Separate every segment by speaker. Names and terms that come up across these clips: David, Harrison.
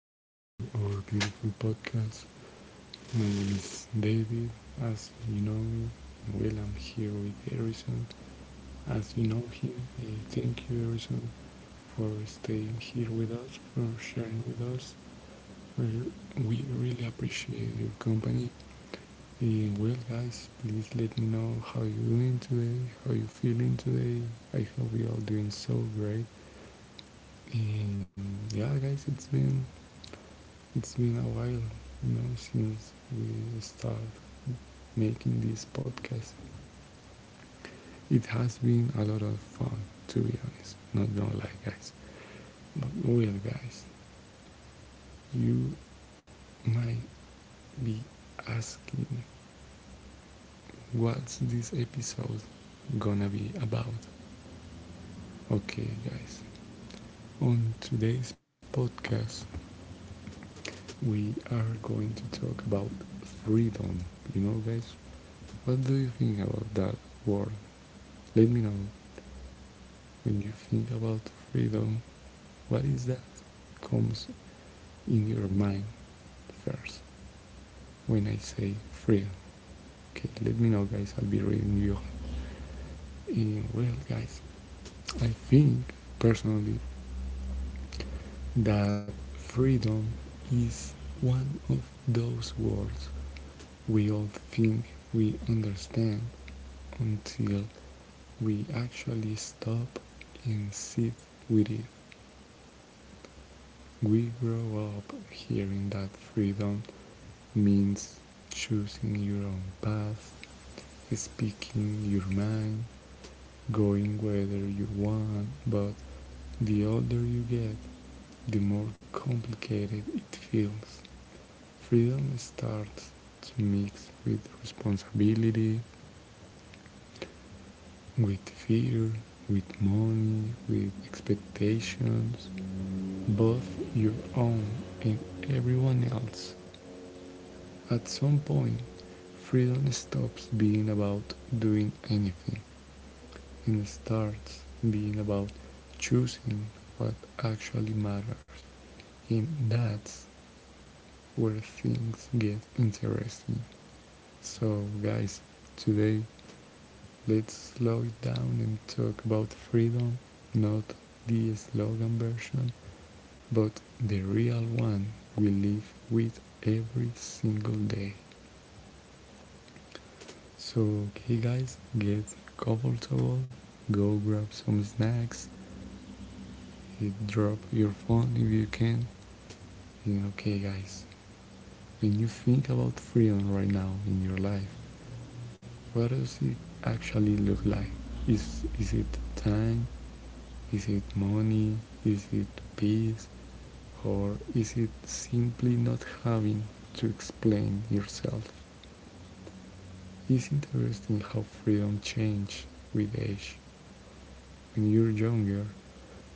Speaker 1: welcome to our beautiful podcast. My name is David. As you know me, well, I'm here with Harrison. As you know him, thank you, Harrison, for staying here with us, for sharing with us. We we really appreciate your company. And well, guys, please let me know how you're doing today, how you're feeling today. I hope you're all doing so great. And yeah, guys, it's been a while, you know, since we started making this podcast. It has been a lot of fun, to be honest. Not gonna lie, guys. But well, guys, you might be asking what's this episode gonna be about. Okay, guys, on today's podcast, we are going to talk about freedom. You know, guys, what do you think about that word? Let me know. When you think about freedom, what is that comes in your mind first when I say freedom? Okay, let me know, guys. I'll be reading you. Well, guys, I think personally that freedom is one of those words we all think we understand until we actually stop and sit with it. We grow up hearing that freedom means choosing your own path, speaking your mind, going whether you want, but the older you get, the more complicated it feels. Freedom starts to mix with responsibility, with fear, with money, with expectations, both your own and everyone else. At some point, freedom stops being about doing anything and starts being about choosing what actually matters. And that's where things get interesting. So, guys, today let's slow it down and talk about freedom, not the slogan version, but the real one we live with every single day. So, okay, guys, get comfortable, go grab some snacks, drop your phone if you can. And okay, guys, when you think about freedom right now in your life, what does it actually look like? Is it time? Is it money? Is it peace? Or is it simply not having to explain yourself? It's interesting how freedom changes with age. When you're younger,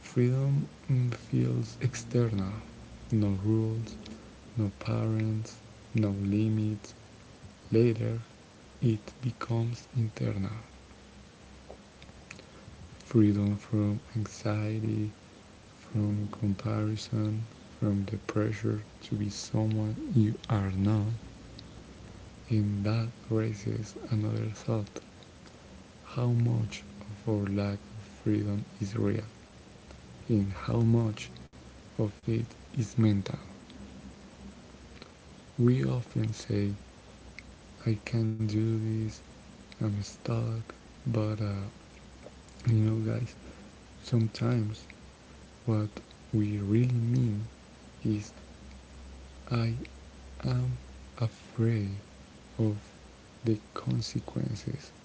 Speaker 1: freedom feels external. No rules, no parents, no limits. Later, it becomes internal. Freedom from anxiety, from comparison, from the pressure to be someone you are not. And that raises another thought: how much of our lack of freedom is real, in how much of it is mental? We often say, "I can't do this, I'm stuck," but you know, guys, sometimes what we really mean is, I am afraid of the consequences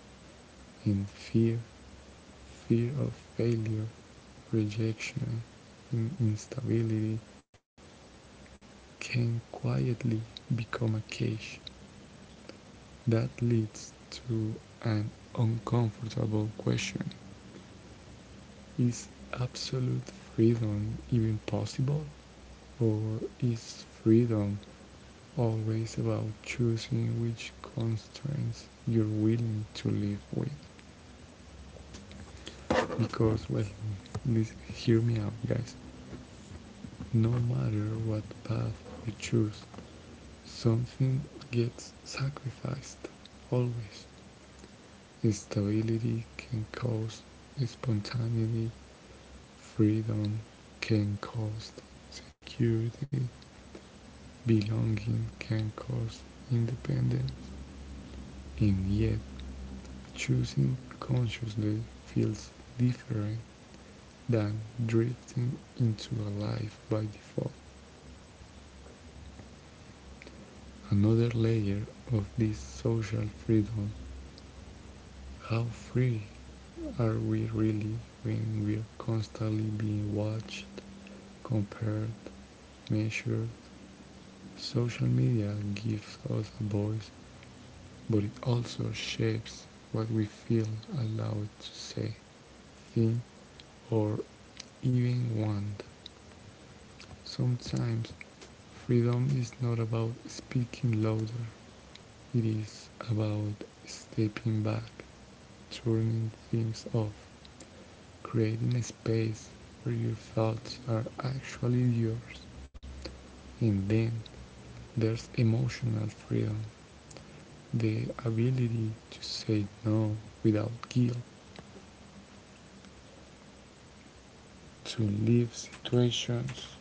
Speaker 1: in fear, fear of failure, rejection, in instability, can quietly become a cage. That leads to an uncomfortable question: is absolute freedom even possible? Or is freedom always about choosing which constraints you're willing to live with? Because, well, please hear me out, guys. No matter what path we choose, something gets sacrificed, always. Instability can cause spontaneity, freedom can cause security, belonging can cause independence, and yet choosing consciously feels different than drifting into a life by default. Another layer of this social freedom: how free are we really when we're constantly being watched, compared, measured? Social media gives us a voice, but it also shapes what we feel allowed to say, think, or even want. Sometimes freedom is not about speaking louder, it is about stepping back, turning things off, creating a space where your thoughts are actually yours. And then there's emotional freedom, the ability to say no without guilt, to leave situations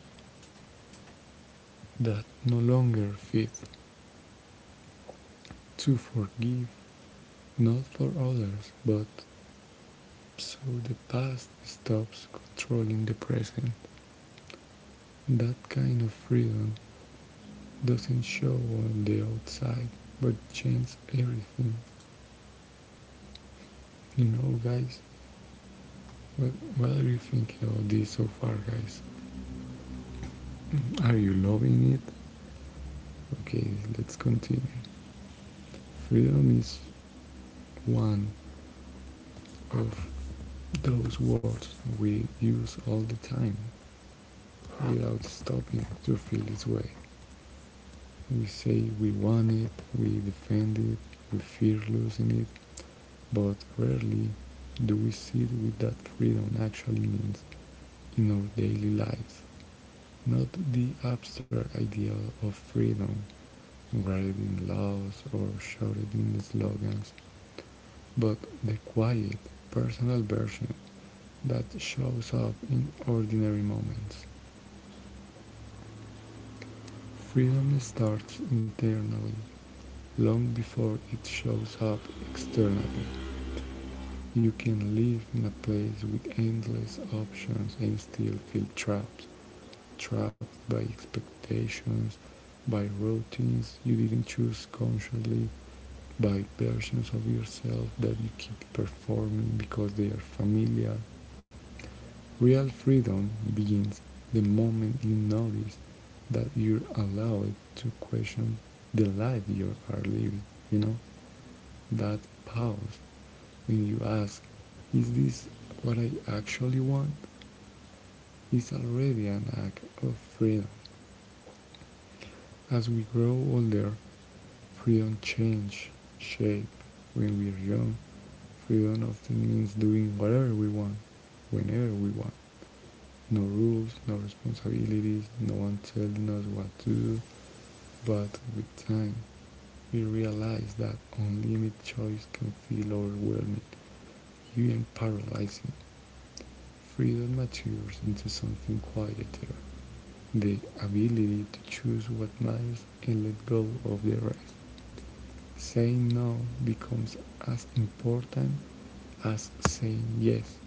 Speaker 1: that no longer fit, to forgive not for others, but so the past stops controlling the present. That kind of freedom doesn't show on the outside, but changes everything. You know, guys, what, what are you thinking of this so far, guys? Are you loving it? Okay, let's continue. Freedom is one of those words we use all the time without stopping to feel its way. We say we want it, we defend it, we fear losing it, but rarely do we see what that freedom actually means in our daily lives. Not the abstract idea of freedom, written in laws or shouted in slogans, but the quiet, personal version that shows up in ordinary moments. Freedom starts internally long before it shows up externally. You can live in a place with endless options and still feel trapped. Trapped by expectations, by routines you didn't choose consciously, by versions of yourself that you keep performing because they are familiar. Real freedom begins the moment you notice that you're allowed to question the life you are living, you know? That pause when you ask, "Is this what I actually want?" is already an act of freedom. As we grow older, freedom changes shape. When we're young, freedom often means doing whatever we want, whenever we want. No rules, no responsibilities, no one telling us what to do. But with time, we realize that unlimited choice can feel overwhelming, even paralyzing. Freedom matures into something quieter: the ability to choose what matters and let go of the rest. Saying no becomes as important as saying yes.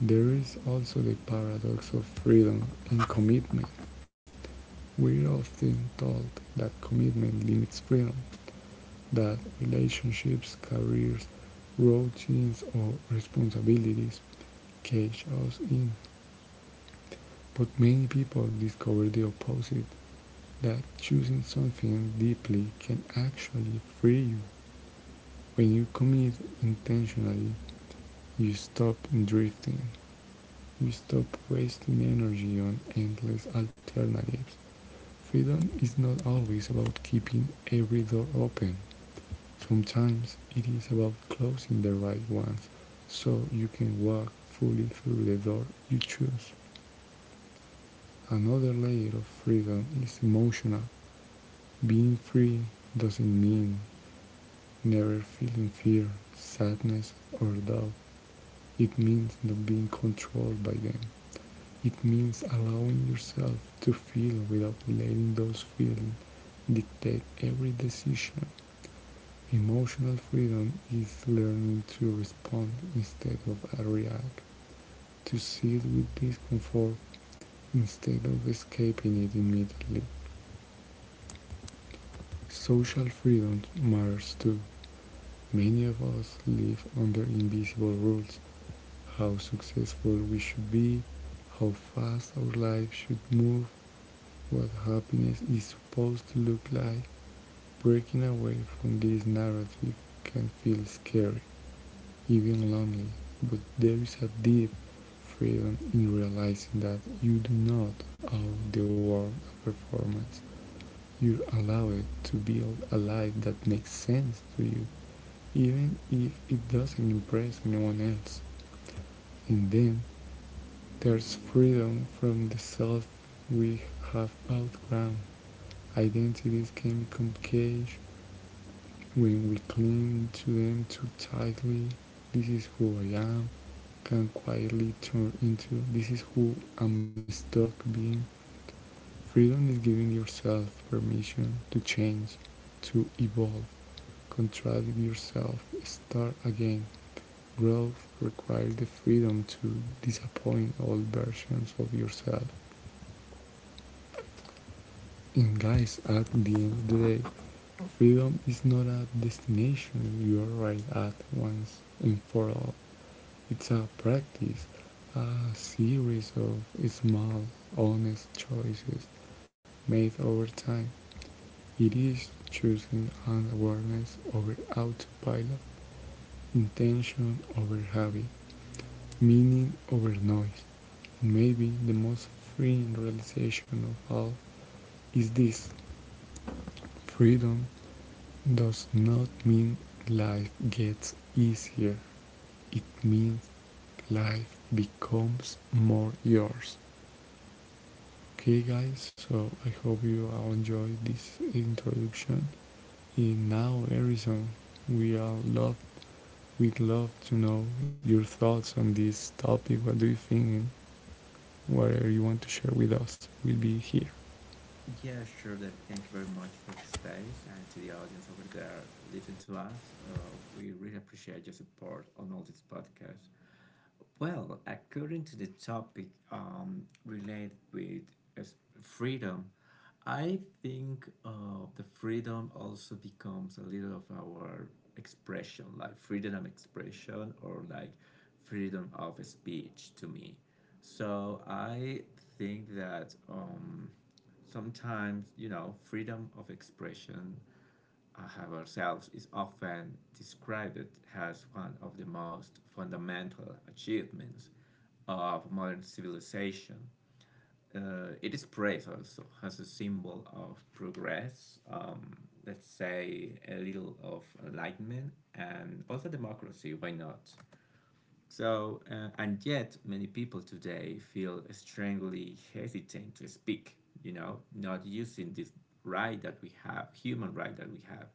Speaker 1: There is also the paradox of freedom and commitment. We're often told that commitment limits freedom, that relationships, careers, routines, or responsibilities cage us in. But many people discover the opposite, that choosing something deeply can actually free you. When you commit intentionally, you stop drifting. You stop wasting energy on endless alternatives. Freedom is not always about keeping every door open. Sometimes it is about closing the right ones so you can walk fully through the door you choose. Another layer of freedom is emotional. Being free doesn't mean never feeling fear, sadness, or doubt. It means not being controlled by them. It means allowing yourself to feel without letting those feelings dictate every decision. Emotional freedom is learning to respond instead of react, to sit with discomfort instead of escaping it immediately. Social freedom matters too. Many of us live under invisible rules: how successful we should be, how fast our life should move, what happiness is supposed to look like. Breaking away from this narrative can feel scary, even lonely, but there is a deep freedom in realizing that you do not owe the world a performance. You allow it to build a life that makes sense to you, even if it doesn't impress anyone else. And then there's freedom from the self we have outgrown. Identities can become caged when we cling to them too tightly. "This is who I am" can quietly turn into "This is who I'm stuck being." Freedom is giving yourself permission to change, to evolve, contradict yourself, start again. Growth requires the freedom to disappoint all versions of yourself. And guys, at the end of the day, freedom is not a destination you arrive at once and for all. It's a practice, a series of small, honest choices made over time. It is choosing an awareness over autopilot, intention over habit, meaning over noise. And maybe the most freeing realization of all is this: freedom does not mean life gets easier, it means life becomes more yours. Okay, guys, so I hope you all enjoyed this introduction. In now, Harrison, we all love, we'd love to know your thoughts on this topic. What do you think? And whatever you want to share with us, we'll be here.
Speaker 2: Yeah, sure, David. Thank you very much for the space and to the audience over there listening to us. We really appreciate your support on all these podcasts. Well, according to the topic related with freedom, I think the freedom also becomes a little of our expression, like freedom of expression or like freedom of speech to me. So I think that sometimes, you know, freedom of expression have ourselves is often described as one of the most fundamental achievements of modern civilization. It is praised also as a symbol of progress, let's say a little of enlightenment, and also democracy, why not? So, and yet many people today feel strangely hesitant to speak, you know, not using this right that we have, human right that we have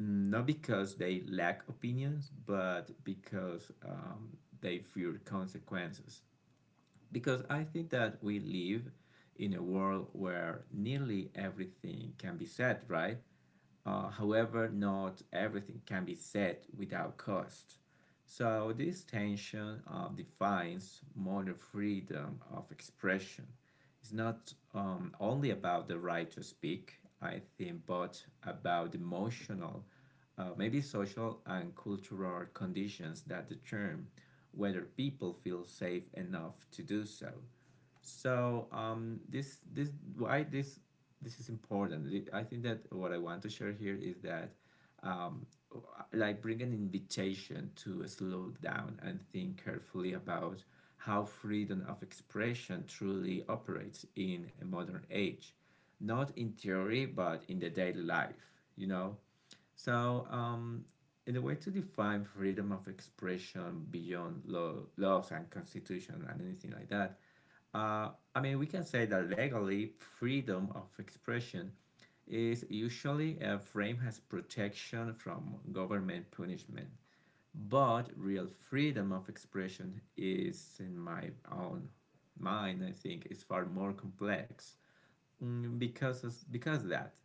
Speaker 2: not because they lack opinions, but because they fear consequences. Because I think that we live in a world where nearly everything can be said, right? However, not everything can be said without cost. So, this tension defines modern freedom of expression. It's not only about the right to speak, I think, but about emotional, maybe social and cultural conditions that determine whether people feel safe enough to do so. So this why this is important. I think that what I want to share here is that um, like bring an invitation to slow down and think carefully about how freedom of expression truly operates in a modern age, not in theory but in the daily life. You know, so in a way to define freedom of expression beyond law, laws and constitution and anything like that uh, I mean, we can say that legally, freedom of expression is usually a frame as protection from government punishment. But real freedom of expression is, in my own mind, I think, is far more complex. Because that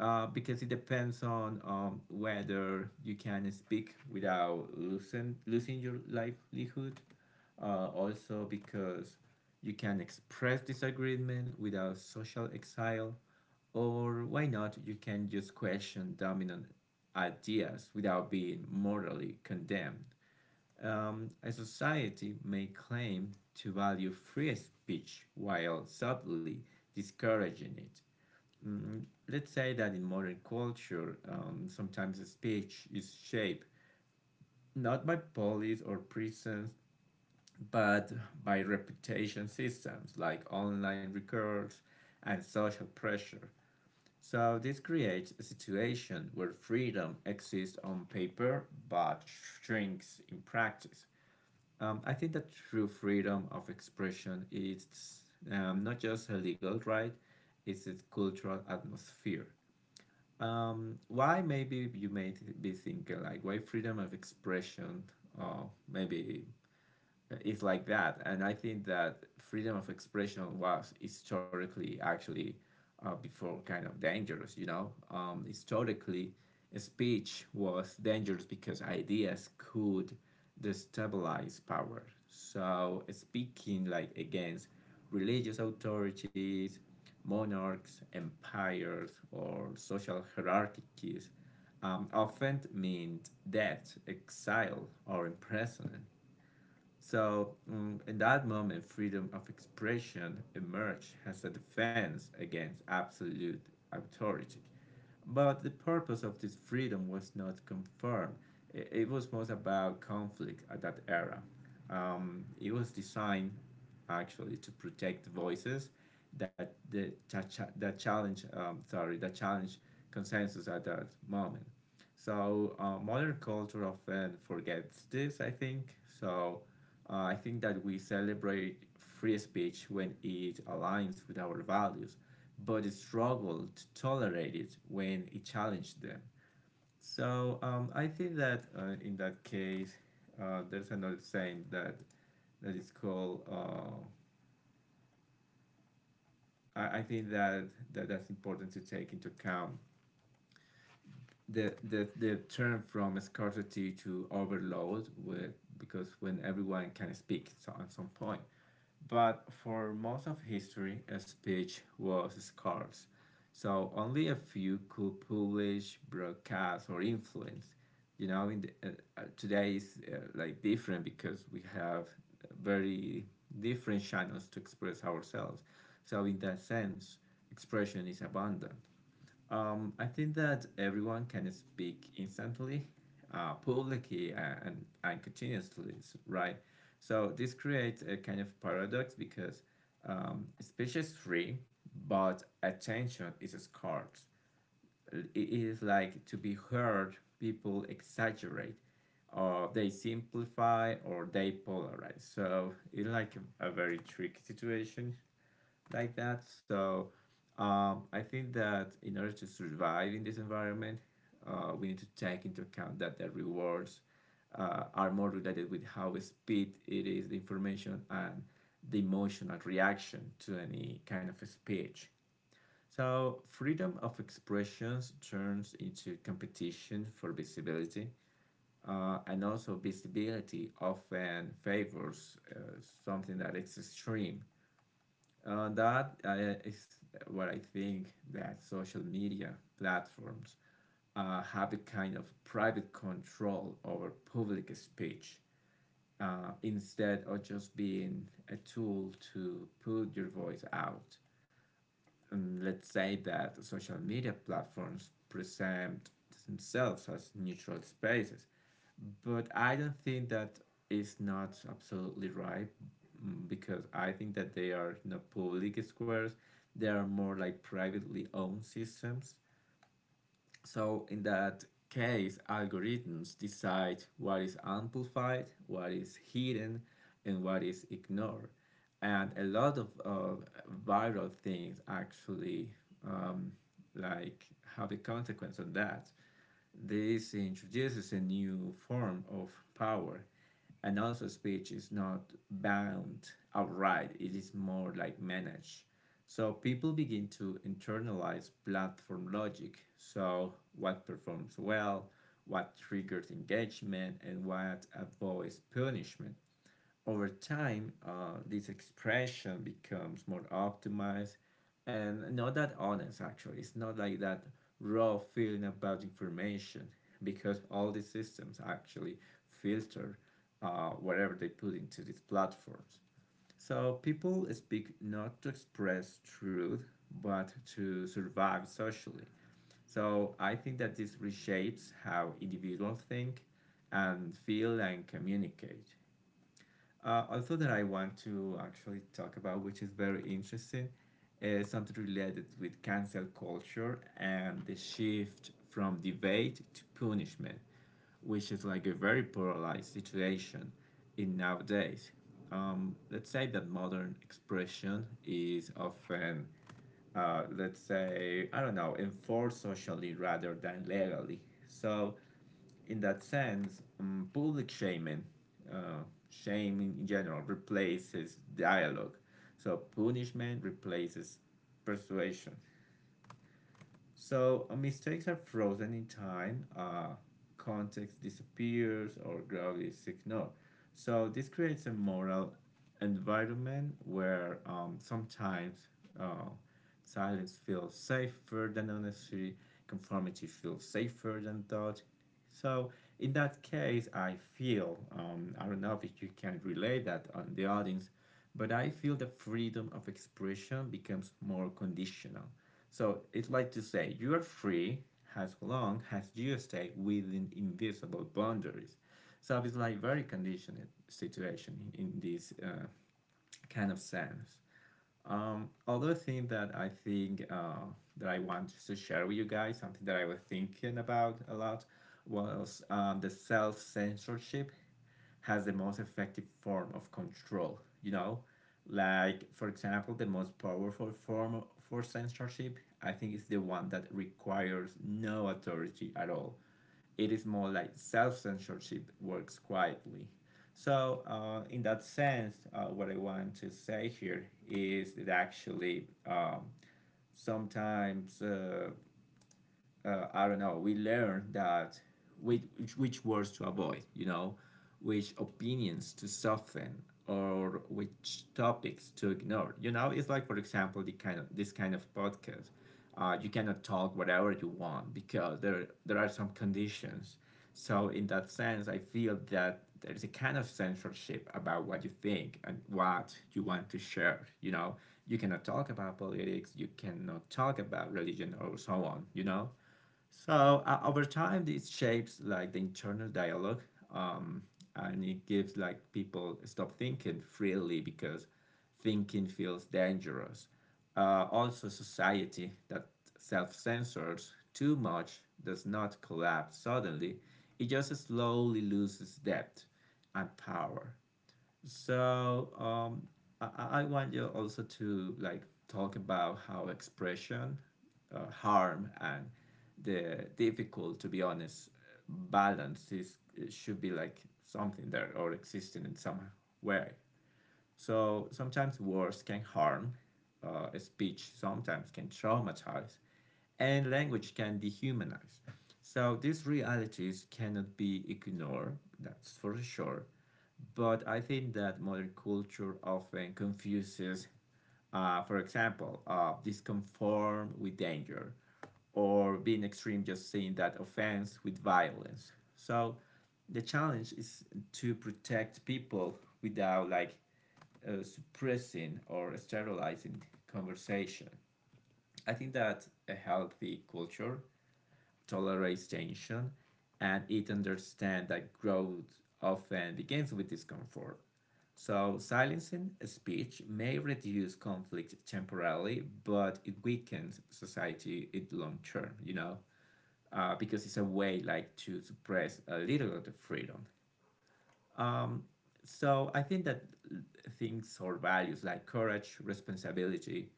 Speaker 2: because it depends on whether you can speak without losing your livelihood, also because you can express disagreement without social exile, or why not, you can just question dominant ideas without being morally condemned. A society may claim to value free speech while subtly discouraging it. Mm, let's say that in modern culture, sometimes speech is shaped not by police or prisons, but by reputation systems like online records and social pressure. So this creates a situation where freedom exists on paper but shrinks in practice. I think that true freedom of expression is not just a legal right, it's a cultural atmosphere. Why maybe you may be thinking like why freedom of expression or maybe is like that, and I think that freedom of expression was historically actually before kind of dangerous. You know, historically, speech was dangerous because ideas could destabilize power. So speaking like against religious authorities, monarchs, empires, or social hierarchies often meant death, exile, or imprisonment. So, in that moment, freedom of expression emerged as a defense against absolute authority. But the purpose of this freedom was not confirmed. It was most about conflict at that era. It was designed actually to protect voices that the that challenge sorry that challenge consensus at that moment. So modern culture often forgets this. I think so. I think that we celebrate free speech when it aligns with our values but struggled to tolerate it when it challenged them. So I think that in that case, there's another saying that that is called. I think that, that's important to take into account. The turn from scarcity to overload with, because when everyone can speak so at some point but for most of history, speech was scarce, so only a few could publish, broadcast, or influence. You know, in the today is like different because we have very different channels to express ourselves. So in that sense, expression is abundant. I think that everyone can speak instantly, publicly, and continuously, right? So this creates a kind of paradox because speech is free, but attention is scarce. It is like to be heard, people exaggerate, or they simplify, or they polarize. So it's like a very tricky situation like that. So I think that in order to survive in this environment, we need to take into account that the rewards are more related with how speed it is, the information, and the emotional reaction to any kind of a speech. So, freedom of expressions turns into competition for visibility, and also visibility often favors something that is extreme that is what I think that social media platforms have a kind of private control over public speech, instead of just being a tool to put your voice out. And let's say that social media platforms present themselves as neutral spaces but I don't think that is not absolutely right. Because I think that they are not public squares. They are more like privately owned systems. So in that case, algorithms decide what is amplified, what is hidden, and what is ignored. And a lot of viral things actually um, like have a consequence on that. This introduces a new form of power, and also speech is not bound outright, it is more like managed. So people begin to internalize platform logic. So what performs well, what triggers engagement, and what avoids punishment. Over time, this expression becomes more optimized and not that honest, actually. It's not like that raw feeling about information because all these systems actually filter whatever they put into these platforms. So people speak not to express truth, but to survive socially. So I think that this reshapes how individuals think and feel and communicate. Also, that I want to actually talk about, which is very interesting, is something related with cancel culture and the shift from debate to punishment, which is like a very polarized situation in nowadays. Let's say that modern expression is often, let's say, I don't know, enforced socially rather than legally. So in that sense, public shaming, uh, shame in general, replaces dialogue. So punishment replaces persuasion. So mistakes are frozen in time. Context disappears or gravity is ignored. So this creates a moral environment where sometimes uh, silence feels safer than honesty, conformity feels safer than thought. So in that case, I feel I don't know if you can relate that on the audience, but I feel the freedom of expression becomes more conditional. So it's like to say you are free as long as you stay within invisible boundaries. So it's like very conditioned situation in this kind of sense. Other thing that I think that I want to share with you guys, something that I was thinking about a lot, was the self censorship has the most effective form of control, you know? Like, for example, the most powerful form for censorship, I think, is the one that requires no authority at all. It is more like self censorship works quietly. So, in that sense, what I want to say here is that actually sometimes I don't know, we learn that which, which words to avoid, you know, which opinions to soften or which topics to ignore. You know, it's like for example the kind of this kind of podcast. You cannot talk whatever you want because there are some conditions. So in that sense, I feel that there is a kind of censorship about what you think and what you want to share. You know, you cannot talk about politics, you cannot talk about religion or so on. You know, so over time, this shapes like the internal dialogue, um, and it gives like people stop thinking freely because thinking feels dangerous. Also, society that self-censors too much does not collapse suddenly; it just slowly loses depth and power. So I want you also to like talk about how expression, harm, and the difficult, to be honest, balance is should be like something there or existing in some way. So sometimes words can harm a speech, sometimes can traumatize, and language can dehumanize. So these realities cannot be ignored, that's for sure. But I think that modern culture often confuses, for example, disconform with danger, or being extreme just saying that offense with violence. So the challenge is to protect people without like suppressing or sterilizing conversation. I think that a healthy culture tolerates tension and it understands that growth often begins with discomfort. So, silencing a speech may reduce conflict temporarily, but it weakens society in long term, you know, because it's a way like to suppress a little of the freedom. So I think that things or values like courage, responsibility,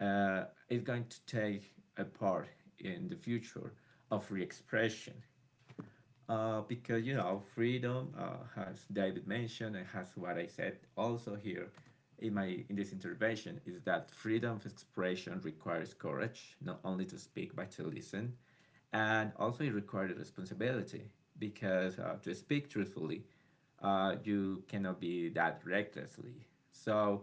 Speaker 2: uh, is going to take a part in the future of re-expression, because you know, freedom, as David mentioned, and as what I said also here in my in this intervention, is that freedom of expression requires courage, not only to speak but to listen, and also it requires responsibility because to speak truthfully, you cannot be that recklessly. So,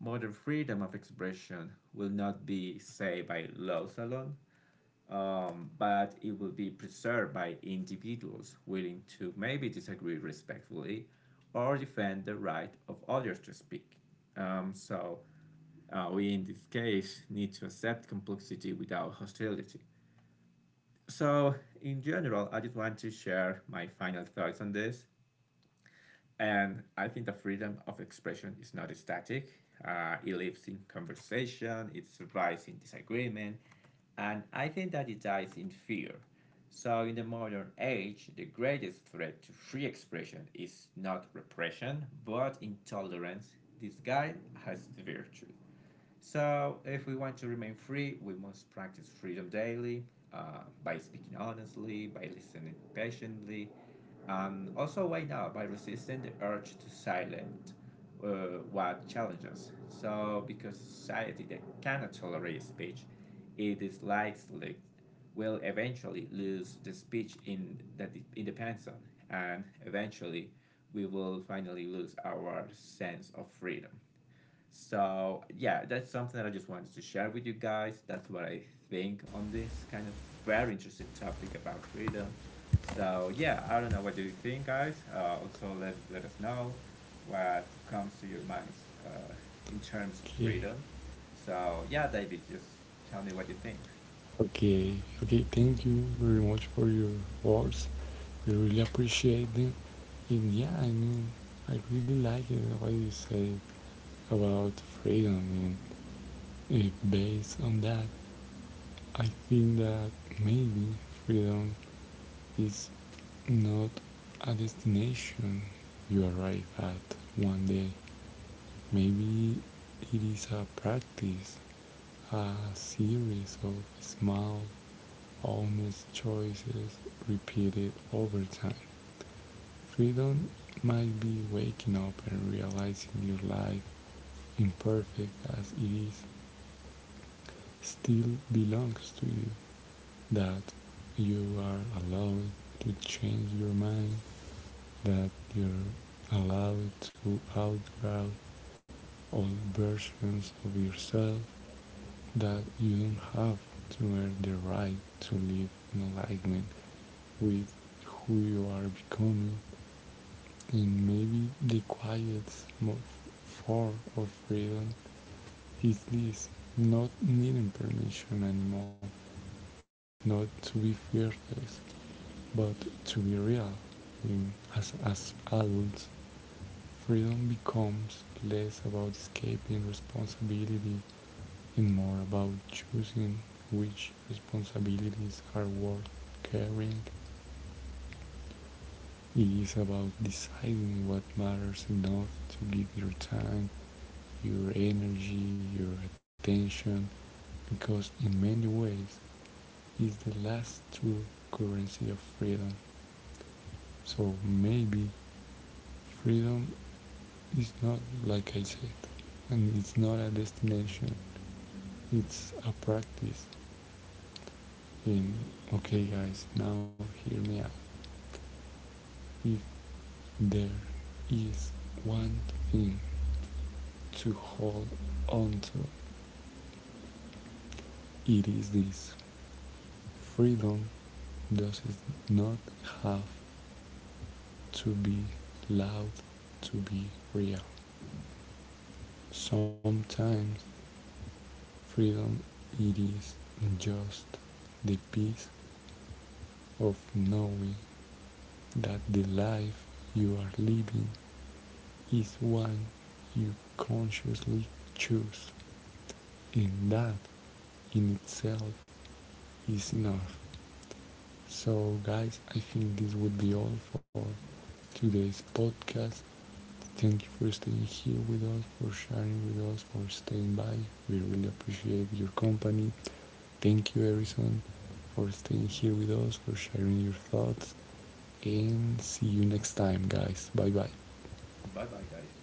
Speaker 2: modern freedom of expression will not be saved by laws alone, but it will be preserved by individuals willing to maybe disagree respectfully or defend the right of others to speak. So, we in this case need to accept complexity without hostility. So, in general, I just want to share my final thoughts on this. And I think the freedom of expression is not static. It lives in conversation, it survives in disagreement, and I think that it dies in fear. So, in the modern age, the greatest threat to free expression is not repression, but intolerance. This guy has the virtue. So, if we want to remain free, we must practice freedom daily by speaking honestly, by listening patiently, and also why not by resisting the urge to silence what challenges. So, because society that cannot tolerate speech, it dislikes like will eventually lose the speech in that it depends on, and eventually we will finally lose our sense of freedom. So yeah, that's something that I just wanted to share with you guys. That's what I think on this kind of very interesting topic about freedom. So yeah, I don't know. What do you think, guys? Also, let us know what comes to your minds in terms of
Speaker 1: Okay,
Speaker 2: freedom. So yeah, David, just tell me what you think.
Speaker 1: okay, okay. Thank you very much for your words. We really appreciate them. And yeah, I mean, I really like it what you said about freedom, and based on that, I think that maybe freedom is not a destination you arrive at one day. Maybe it is a practice, a series of small, honest choices repeated over time. Freedom might be waking up and realizing your life, imperfect as it is, still belongs to you, that you are allowed to change your mind, that you're allowed to outgrow all versions of yourself, that you don't have to earn the right to live in alignment with who you are becoming, and maybe the quiet form of freedom it is this: not needing permission anymore, not to be fearless, but to be real. In, as adults, freedom becomes less about escaping responsibility and more about choosing which responsibilities are worth carrying. It is about deciding what matters enough to give your time, your energy, your attention, because in many ways is the last true currency of freedom. So maybe freedom is not, like I said, and it's not a destination, it's a practice. And okay, guys, now hear me out. If there is one thing to hold on to, it is this: freedom does not have to be loud to be real. Sometimes freedom it is just the peace of knowing that the life you are living is one you consciously choose, and that in itself is enough. So, guys, I think this would be all for today's podcast. Thank you for staying here with us, for sharing with us, for staying by. We really appreciate your company. Thank you, Harrison, for staying here with us, for sharing your thoughts. And see you next time, guys. Bye bye.
Speaker 2: Bye bye, guys.